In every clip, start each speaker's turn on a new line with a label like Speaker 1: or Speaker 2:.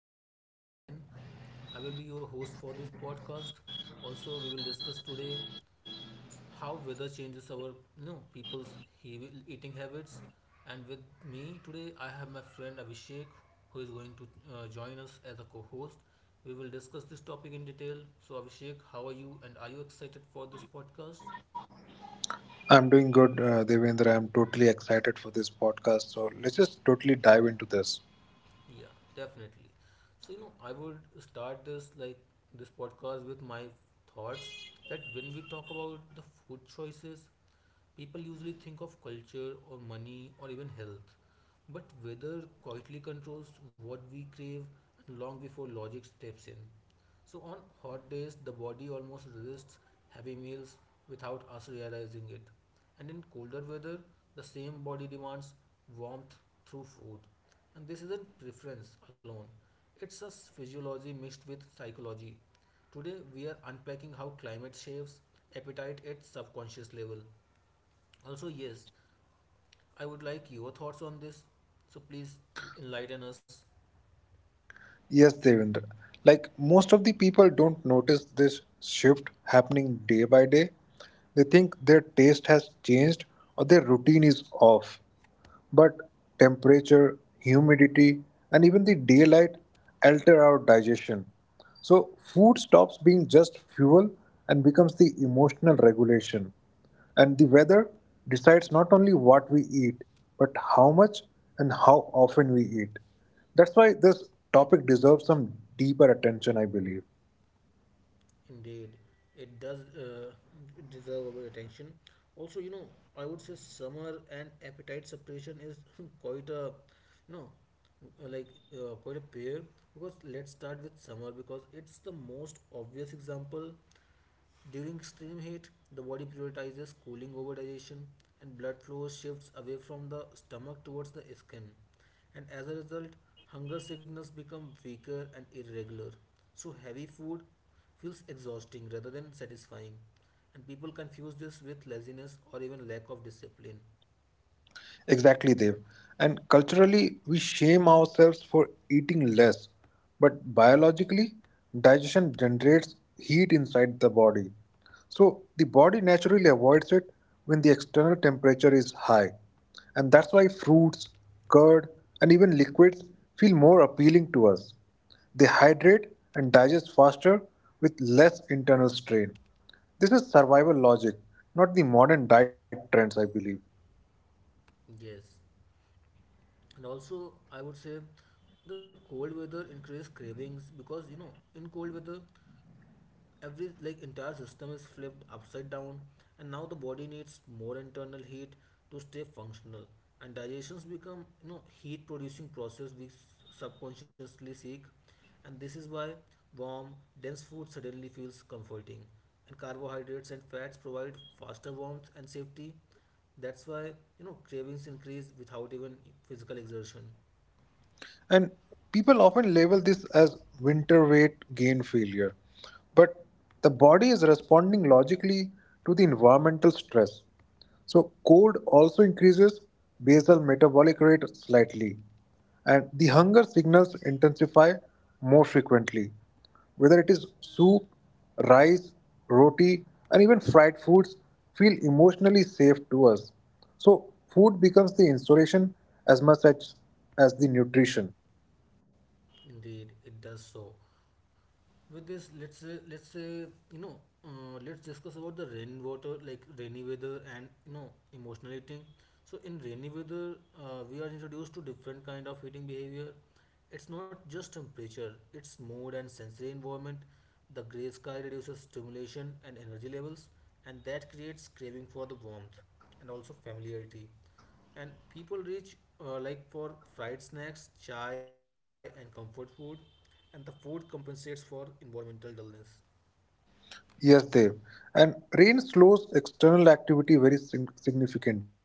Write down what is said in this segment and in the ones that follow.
Speaker 1: This is Devendra again. I will be your host for this podcast. Also, we will discuss today how weather changes our eating habits. And with me today, I have my friend Abhishek, who is going to join us as a co-host. We will discuss this topic in detail. So, Abhishek, how are you? And are you excited for this podcast?
Speaker 2: I'm doing good, Devendra. I'm totally excited for this podcast. So let's just totally dive into this.
Speaker 1: Yeah, definitely. So, you know, I would start this podcast with my thoughts that when we talk about the food choices, people usually think of culture or money or even health, but weather quietly controls what we crave and long before logic steps in. So, on hot days, the body almost resists heavy meals without us realizing it. And in colder weather, the same body demands warmth through food. And this isn't preference alone, it's physiology mixed with psychology. Today, we are unpacking how climate shapes appetite at subconscious level also. Yes, I would like your thoughts on this. So please enlighten us.
Speaker 2: Yes, Devendra. Like most of the people don't notice this shift happening day by day. They think their taste has changed or their routine is off. But temperature, humidity, and even the daylight alter our digestion. So food stops being just fuel and becomes the emotional regulation. And the weather decides not only what we eat, but how much and how often we eat. That's why this topic deserves some deeper attention, I believe.
Speaker 1: Indeed, it does deserve our attention. Also, you know, I would say summer and appetite suppression is quite a, you know, like quite a pair, because let's start with summer because it's the most obvious example. During extreme heat, the body prioritizes cooling over digestion and blood flow shifts away from the stomach towards the skin. And as a result, hunger signals become weaker and irregular. So, heavy food feels exhausting rather than satisfying. And people confuse this with laziness or even lack of discipline.
Speaker 2: Exactly, Dev. And culturally, we shame ourselves for eating less. But biologically, digestion generates heat inside the body. So the body naturally avoids it when the external temperature is high. And that's why fruits, curd, and even liquids feel more appealing to us. They hydrate and digest faster with less internal strain. This is survival logic, not the modern diet trends, I believe.
Speaker 1: Yes. And also, I would say the cold weather increases cravings because, you know, in cold weather, every entire system is flipped upside down, and now the body needs more internal heat to stay functional, and digestions become, you know, heat producing process subconsciously seek. And this is why warm dense food suddenly feels comforting, and carbohydrates and fats provide faster warmth and safety. That's why, you know, cravings increase without even physical exertion.
Speaker 2: And people often label this as winter weight gain failure. But the body is responding logically to the environmental stress. So, cold also increases basal metabolic rate slightly, and the hunger signals intensify more frequently. Whether it is soup, rice, roti, and even fried foods, feel emotionally safe to us. So, food becomes the insulation as much as, as the nutrition.
Speaker 1: Indeed it does. So with this, let's say, you know, let's discuss about the rainwater, like rainy weather, and, you know, emotional eating. So in rainy weather, we are introduced to different kind of eating behavior. It's not just temperature, it's mood and sensory environment. The gray sky reduces stimulation and energy levels, and that creates craving for the warmth and also familiarity. And people reach for fried snacks, chai, and comfort food, and the food compensates for environmental dullness.
Speaker 2: Yes, Dev. And rain slows external activity very significantly.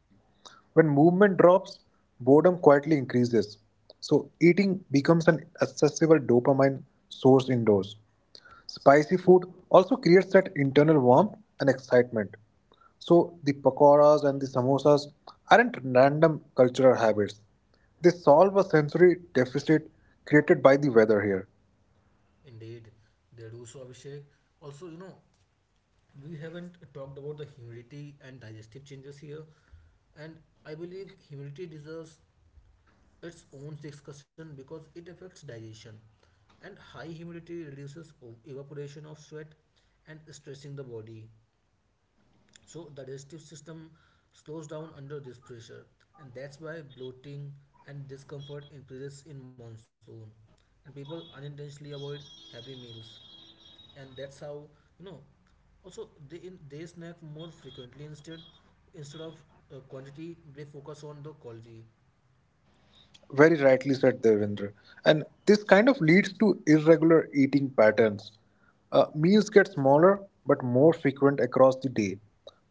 Speaker 2: When movement drops, boredom quietly increases. So, eating becomes an accessible dopamine source indoors. Spicy food also creates that internal warmth and excitement. So the pakoras and the samosas aren't random cultural habits. They solve a sensory deficit created by the weather here.
Speaker 1: Indeed they do so. Abhishek, also, you know, we haven't talked about the humidity and digestive changes here. And I believe humidity deserves its own discussion because it affects digestion. And high humidity reduces evaporation of sweat and stressing the body. So the digestive system slows down under this pressure, and that's why bloating and discomfort increases in monsoon. And people unintentionally avoid heavy meals, and that's how, you know. Also, they snack more frequently instead. Instead of quantity, they focus on the quality.
Speaker 2: Very rightly said, Devendra. And this kind of leads to irregular eating patterns. Meals get smaller but more frequent across the day.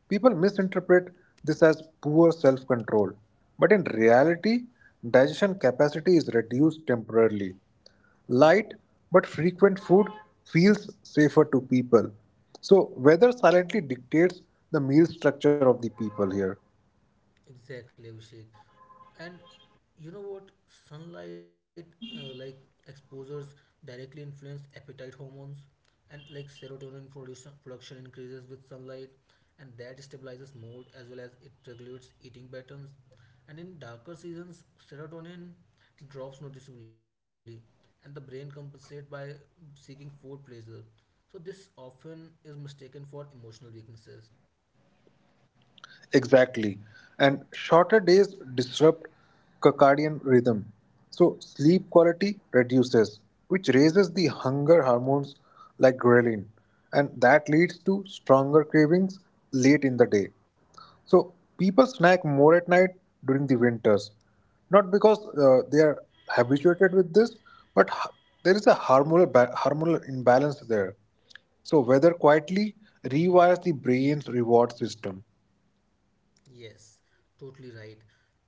Speaker 2: People misinterpret this as poor self control, but in reality, digestion capacity is reduced temporarily. Light but frequent food feels safer to people. So, weather silently dictates the meal structure of the people here.
Speaker 1: Exactly, Abhishek. And you know what, sunlight uh, like exposures directly influence appetite hormones. And like serotonin production increases with sunlight, and that stabilizes mood as well as it regulates eating patterns. And in darker seasons, serotonin drops noticeably, and the brain compensates by seeking food pleasure. So this often is mistaken for emotional weaknesses.
Speaker 2: Exactly. And shorter days disrupt circadian rhythm. So sleep quality reduces, which raises the hunger hormones like ghrelin. And that leads to stronger cravings late in the day. So people snack more at night during the winters, not because they are habituated with this, but there is a hormonal imbalance there. So weather quietly rewires the brain's reward system.
Speaker 1: Yes, totally right.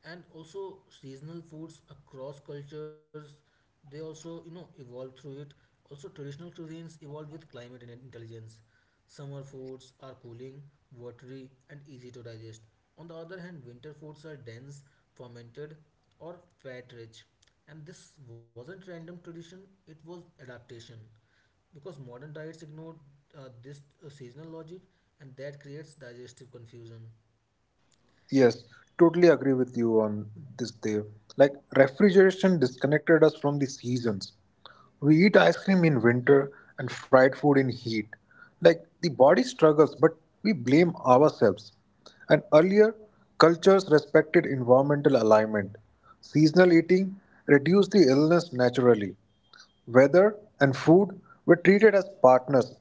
Speaker 1: And also seasonal foods across cultures, they also, you know, evolve through it. Also traditional cuisines evolve with climate and intelligence. Summer foods are cooling, watery, and easy to digest. On the other hand, winter foods are dense, fermented, or fat rich. And this wasn't random tradition, it was adaptation. Because modern diets ignore this seasonal logic, and that creates digestive confusion.
Speaker 2: Yes, totally agree with you on this, Dev. Like, refrigeration disconnected us from the seasons. We eat ice cream in winter and fried food in heat. Like, the body struggles, but we blame ourselves. And earlier, cultures respected environmental alignment. Seasonal eating reduced the illness naturally. Weather and food were treated as partners,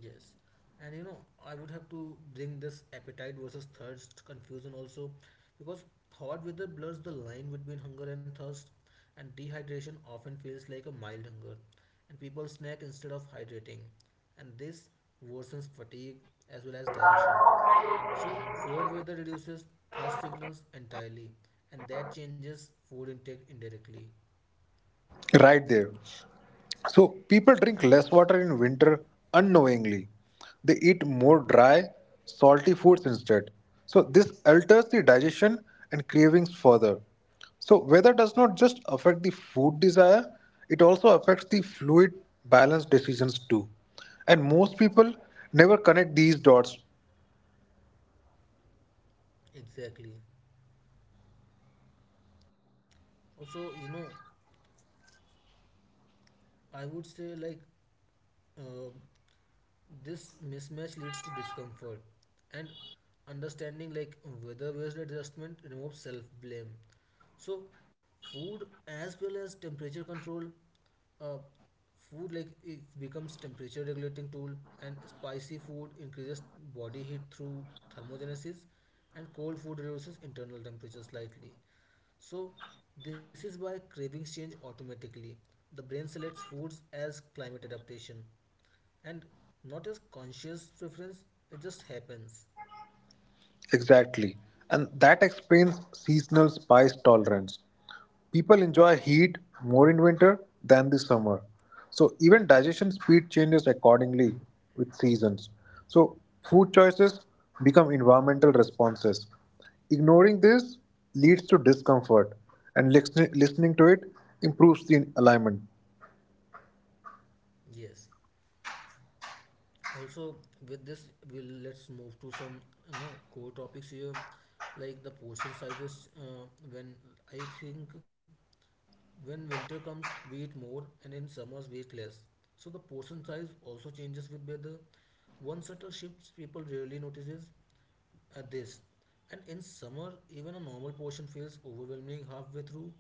Speaker 1: Yes, and you know, I would have to bring this appetite versus thirst confusion also, because hot weather blurs the line between hunger and thirst, and dehydration often feels like a mild hunger, and people snack instead of hydrating, and this worsens fatigue as well as digestion. So, cold weather reduces thirst signals entirely, and that changes food intake indirectly.
Speaker 2: right there. So people drink less water in winter unknowingly. They eat more dry, salty foods instead. So this alters the digestion and cravings further. So weather does not just affect the food desire, it also affects the fluid balance decisions too. And most people never connect these dots.
Speaker 1: Exactly. Also, you know, I would say uh, this mismatch leads to discomfort, and understanding like weather based adjustment removes self blame. So food as well as temperature control, uh, food like it becomes temperature regulating tool. And spicy food increases body heat through thermogenesis, and cold food reduces internal temperature slightly. So, this is why cravings change automatically. The brain selects foods as climate adaptation and not as conscious preference, it just happens.
Speaker 2: Exactly. And that explains seasonal spice tolerance. People enjoy heat more in winter than the summer. So even digestion speed changes accordingly with seasons. So food choices become environmental responses. Ignoring this leads to discomfort, and listening to it improves the alignment.
Speaker 1: Yes. Also, with this, we'll let's move to some, you know, core topics here, like the portion sizes. When I think, when winter comes, we eat more, and in summers we eat less. So the portion size also changes with weather. One subtle shift people rarely notices, at this. And in summer, even a normal portion feels overwhelming halfway through,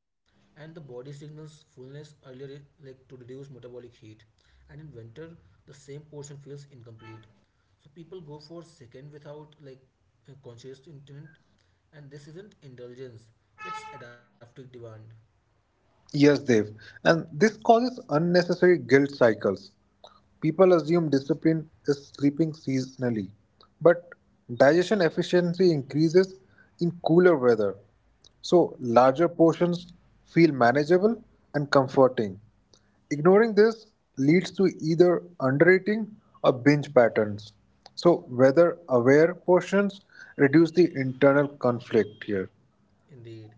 Speaker 1: and the body signals fullness earlier, to reduce metabolic heat. And in winter, the same portion feels incomplete. So people go for second without a conscious intent, and this isn't indulgence; it's adaptive demand.
Speaker 2: Yes, Dev. And this causes unnecessary guilt cycles. People assume discipline is sleeping seasonally, but digestion efficiency increases in cooler weather, so larger portions feel manageable and comforting. Ignoring this leads to either undereating or binge patterns. So, weather aware portions reduce the internal conflict here.
Speaker 1: Indeed.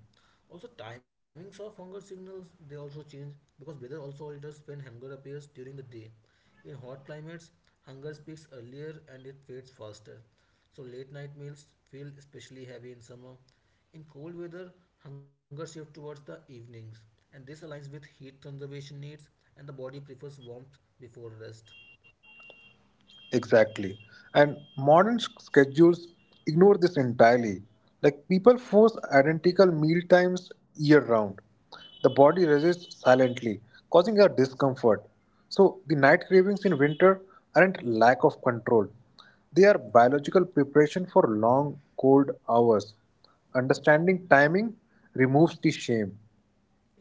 Speaker 1: Also, timings of hunger signals they also change because weather also alters when hunger appears during the day. In hot climates, hunger peaks earlier and it fades faster. So, late night meals feel especially heavy in summer. In cold weather, hunger shifts towards the evenings, and this aligns with heat conservation needs, and the body prefers warmth before rest.
Speaker 2: Exactly. And modern schedules ignore this entirely. Like people force identical meal times year round. The body resists silently, causing a discomfort. So the night cravings in winter aren't lack of control. They are biological preparation for long cold hours. Understanding timing removes the shame.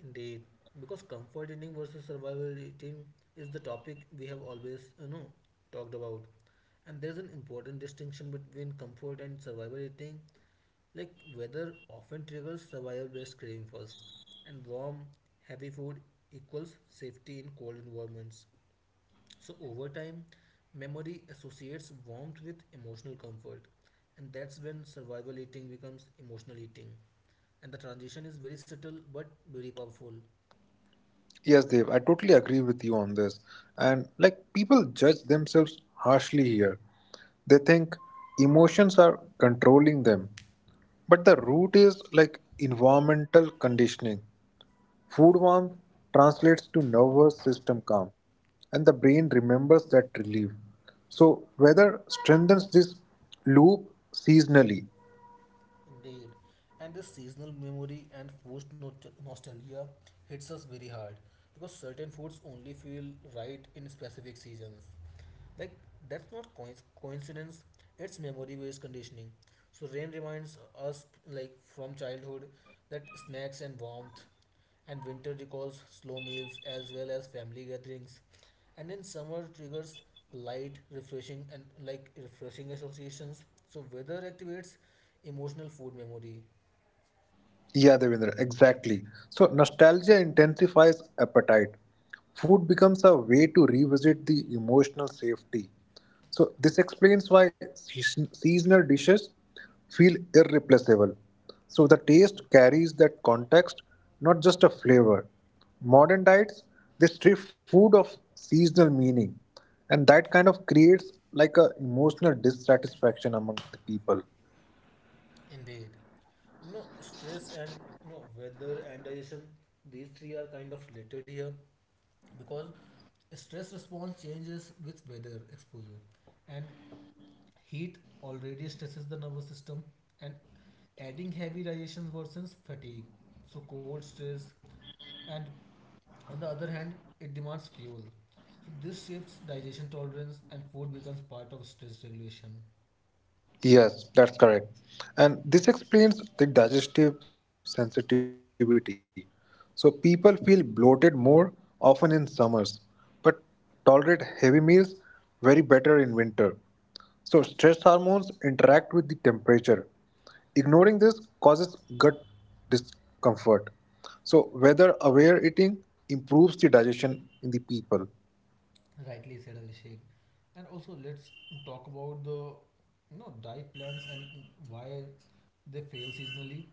Speaker 1: Indeed, because comfort eating versus survival eating is the topic we have always, you know, talked about. And there's an important distinction between comfort and survival eating, like weather often triggers survival based craving first, and warm, heavy food equals safety in cold environments. So, over time, memory associates warmth with emotional comfort, and that's when survival eating becomes emotional eating. And the transition is very subtle but very powerful.
Speaker 2: Yes, Dave, I totally agree with you on this. And like people judge themselves harshly here. They think emotions are controlling them. But the root is like environmental conditioning. Food warmth translates to nervous system calm, and the brain remembers that relief. So, weather strengthens this loop seasonally.
Speaker 1: Indeed. And this seasonal memory and forced nostalgia hits us very hard because certain foods only feel right in specific seasons. Like that's not coincidence, it's memory based conditioning. So rain reminds us like from childhood that snacks and warmth, and winter recalls slow meals as well as family gatherings, and then summer triggers light refreshing and like refreshing associations. So weather activates emotional food memory.
Speaker 2: Yeah, Devendra, exactly. So nostalgia intensifies appetite. Food becomes a way to revisit the emotional safety. So this explains why seasonal dishes feel irreplaceable. So the taste carries that context, not just a flavor. Modern diets, they strip food of seasonal meaning, and that kind of creates like a emotional dissatisfaction among the people.
Speaker 1: Indeed. You know, stress and, you know, weather and digestion, these three are kind of related here, because stress response changes with weather exposure, and heat already stresses the nervous system, and adding heavy digestion worsens fatigue. So cold stress, and on the other hand, it demands fuel. So this shifts digestion tolerance, and food becomes part of stress regulation.
Speaker 2: Yes, that's correct. And this explains the digestive sensitivity. So people feel bloated more often in summers, but tolerate heavy meals very better in winter. So stress hormones interact with the temperature. Ignoring this causes gut discomfort. So whether aware eating improves the digestion in the people.
Speaker 1: Rightly said, Abhishek. And also let's talk about the, you know, diet plans and why they fail seasonally.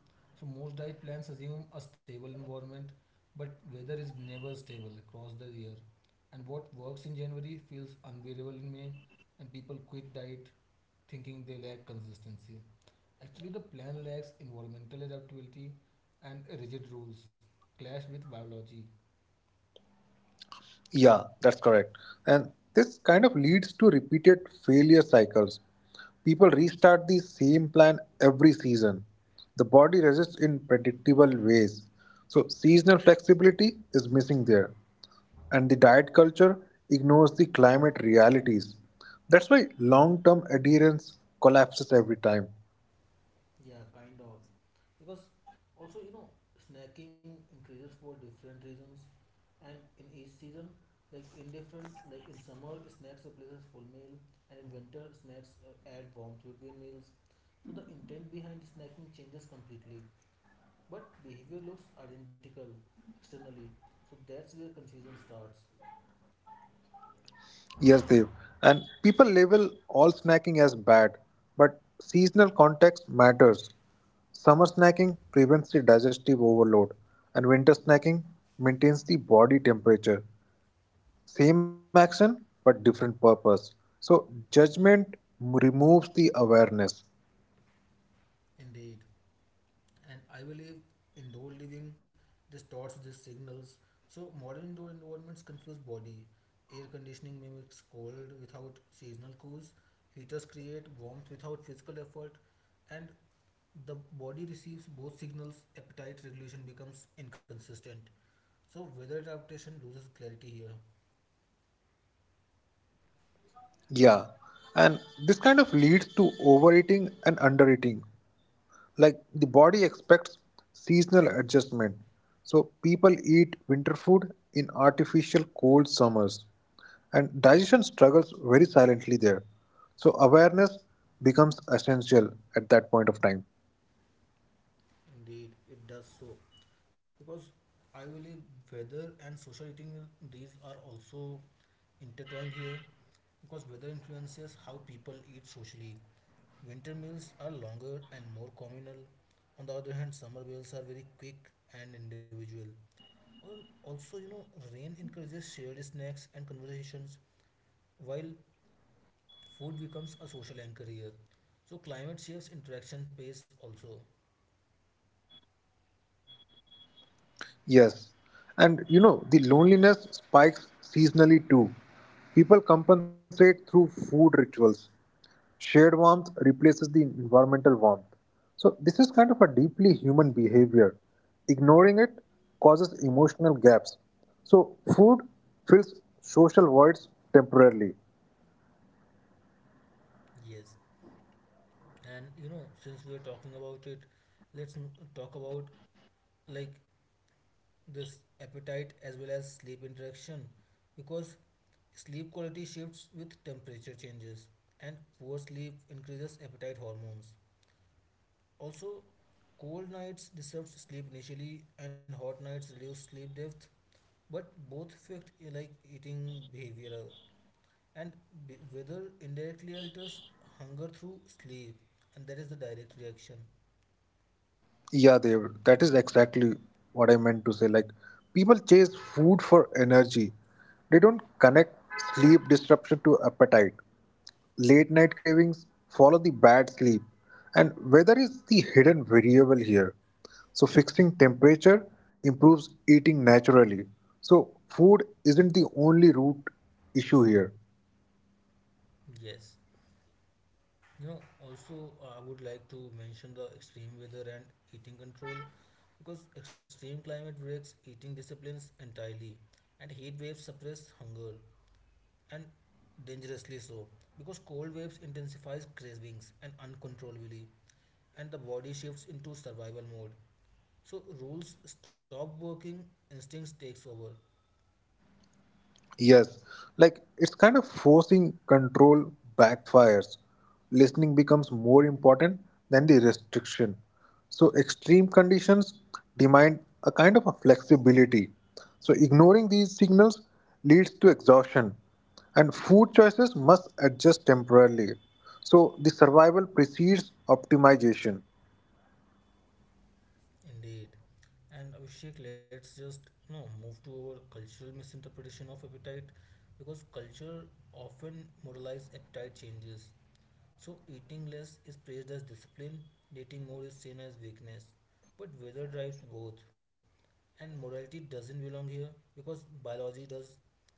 Speaker 1: So most diet plans assume a stable environment, but weather is never stable across the year. And what works in January feels unbearable in May, and people quit diet thinking they lack consistency. Actually, the plan lacks environmental adaptability, and rigid rules clash with biology.
Speaker 2: Yeah, that's correct. And this kind of leads to repeated failure cycles. People restart the same plan every season. The body resists in predictable ways. So, seasonal flexibility is missing there. And the diet culture ignores the climate realities. That's why long term adherence collapses every time.
Speaker 1: Yeah, kind of. Because also, you know, snacking increases for different reasons, and in each season, like in different, like in summer, snacks replaces full meal, and in winter, snacks add warmth between meals. So the intent behind snacking changes completely, but behavior looks identical externally. So that's where confusion starts.
Speaker 2: Yes, Dev. And people label all snacking as bad, but seasonal context matters. Summer snacking prevents the digestive overload, and winter snacking maintains the body temperature. Same action, but different purpose. So, judgment removes the awareness.
Speaker 1: Indeed. And I believe indoor living distorts these signals. So modern indoor environments confuse body. Air conditioning mimics cold without seasonal cues. Heaters create warmth without physical effort, and the body receives both signals. Appetite regulation becomes inconsistent. So weather adaptation loses clarity here.
Speaker 2: Yeah, and this kind of leads to overeating and undereating, like the body expects seasonal adjustment so people eat winter food in artificial cold summers and digestion struggles very silently there so awareness becomes essential at that point of time.
Speaker 1: Indeed, it does so. Because I believe weather and social eating, these are also intertwined here. Because weather influences how people eat socially. Winter meals are longer and more communal. On the other hand, summer meals are very quick and individual. Or also, you know, rain encourages shared snacks and conversations, while food becomes a social anchor here. So climate shapes interaction pace also.
Speaker 2: Yes, and you know the loneliness spikes seasonally too. People compensate through food rituals. Shared warmth replaces the environmental warmth. So, this is kind of a deeply human behavior. Ignoring it causes emotional gaps. So, food fills social voids temporarily.
Speaker 1: Yes. And you know, since we are talking about it, talk about like this appetite as well as sleep interaction, because sleep quality shifts with temperature changes, and poor sleep increases appetite hormones. Also cold nights disrupt sleep initially, and hot nights reduce sleep depth, but both affect eating behavior. And weather indirectly alters hunger through sleep, and that is the direct reaction.
Speaker 2: Yeah, they that is exactly what I meant to say. Like people chase food for energy. They don't connect sleep disruption to appetite. Late night cravings follow the bad sleep. And weather is the hidden variable here. So fixing temperature improves eating naturally. So food isn't the only root issue here.
Speaker 1: Yes. You know, also, I would like to mention the extreme weather and eating control, because extreme climate breaks eating disciplines entirely, and heat waves suppress hunger and dangerously so, because cold waves intensifies cravings and uncontrollably, and the body shifts into survival mode. So rules stop working, instincts takes over.
Speaker 2: Yes, like it's kind of forcing control backfires. Listening becomes more important than the restriction. So, extreme conditions demand a kind of a flexibility. So, ignoring these signals leads to exhaustion, and food choices must adjust temporarily. So, the survival precedes optimization.
Speaker 1: Indeed. And Abhishek, let's just, you know, move to our cultural misinterpretation of appetite, because culture often moralize appetite changes. So eating less is praised as discipline, eating more is seen as weakness. But weather drives both, and morality doesn't belong here because biology does,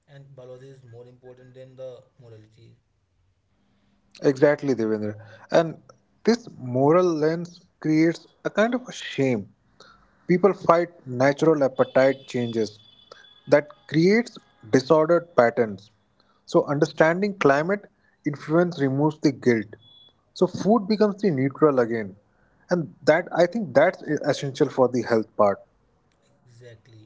Speaker 1: and biology is more important than the morality.
Speaker 2: Exactly, Devendra. And this moral lens creates a kind of a shame. People fight natural appetite changes that creates disordered patterns. So understanding climate influence removes the guilt. So food becomes the neutral again. And that I think that's essential for the health part.
Speaker 1: Exactly.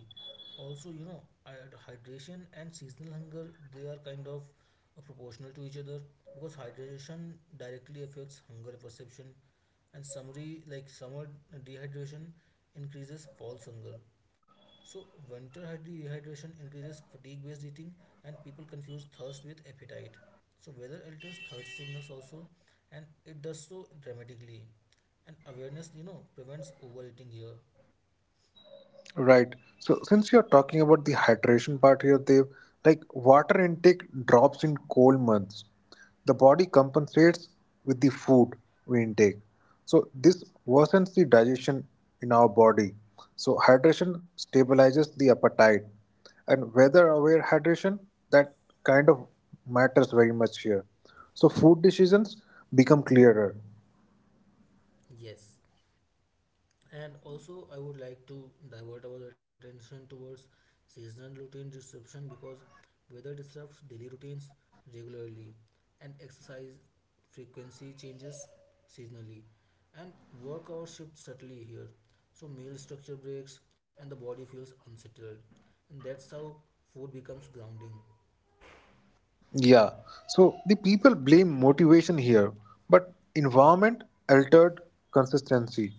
Speaker 1: Also, you know, hydration and seasonal hunger, they are kind of proportional to each other, because hydration directly affects hunger perception, and summary like summer dehydration increases false hunger. So winter dehydration increases fatigue-based eating, and people confuse thirst with appetite. So weather alters thirst signals also, and it does so dramatically. And awareness, you know, prevents overeating here.
Speaker 2: Right. So since you're talking about the hydration part here, Dev, like water intake drops in cold months. The body compensates with the food we intake. So this worsens the digestion in our body. So hydration stabilizes the appetite. And weather aware hydration, that kind of matters very much here. So food decisions become clearer.
Speaker 1: Yes. And also, I would like to divert our attention towards seasonal routine disruption, because weather disrupts daily routines regularly, and exercise frequency changes seasonally, and work hours shift subtly here. So, meal structure breaks, and the body feels unsettled, and that's how food becomes grounding.
Speaker 2: Yeah, so the people blame motivation here, but environment altered consistency.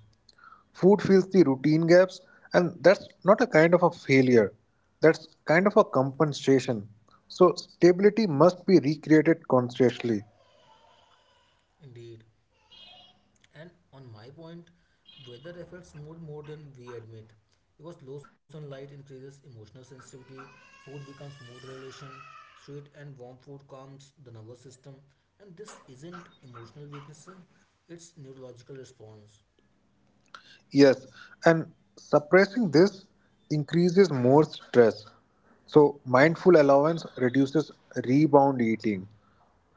Speaker 2: Food fills the routine gaps, and that's not a kind of a failure, that's kind of a compensation. So, stability must be recreated consciously.
Speaker 1: Indeed. And on my point, weather affects mood more than we admit. Because low sunlight increases emotional sensitivity, food becomes mood regulation, sweet and warm food calms the nervous system. And this isn't emotional weakness, sir, it's neurological response.
Speaker 2: Yes, and suppressing this increases more stress. So, mindful allowance reduces rebound eating.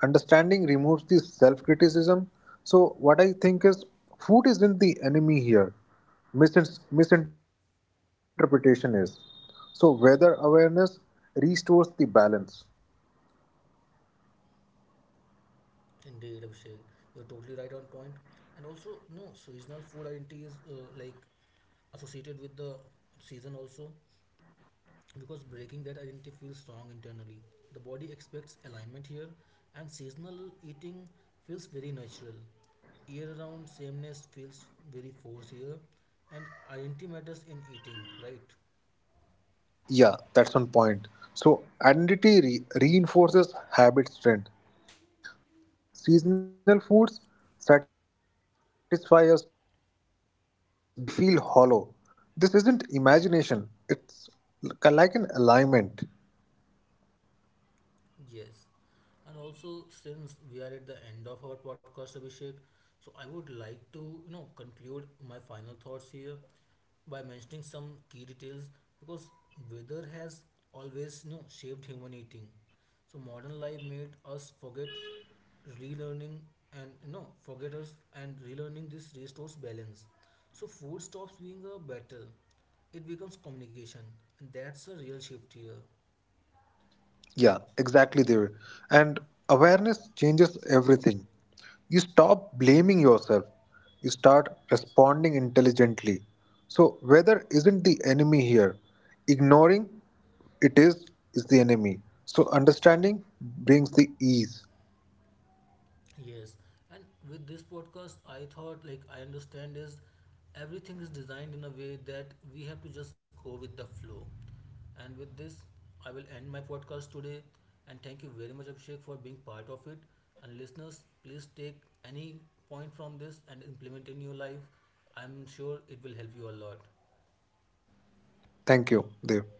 Speaker 2: Understanding removes the self criticism. So, what I think is food isn't the enemy here, misinterpretation is. So, weather awareness restores the balance.
Speaker 1: Indeed, Abhishek, you're totally right on point. And also, no, seasonal food identity is associated with the season also, because breaking that identity feels strong internally. The body expects alignment here, and seasonal eating feels very natural. Year round sameness feels very forced here, and identity matters in eating, right?
Speaker 2: Yeah, that's one point. So, identity reinforces habit strength. Seasonal foods satisfy us deeply, they feel complete. But out of season foods, they feel hollow. This isn't imagination, it's like an alignment.
Speaker 1: Yes. And also, since we are at the end of our podcast, Abhishek, so I would like to, you know, conclude my final thoughts here by mentioning some key details, because weather has always, you know, shaped human eating. So modern life made us forget, relearning and, you know, forget us and relearning this restores balance. So food stops being a battle. It becomes communication. And that's a real shift here.
Speaker 2: Yeah, exactly there. And awareness changes everything. You stop blaming yourself. You start responding intelligently. So weather isn't the enemy here. Ignoring it is the enemy. So understanding brings the ease.
Speaker 1: Yes, and with this podcast, I thought like I understand is everything is designed in a way that we have to just go with the flow. And with this, I will end my podcast today. And thank you very much, Abhishek, for being part of it. And listeners, please take any point from this and implement in your life. I'm sure it will help you a lot.
Speaker 2: Thank you, Dev.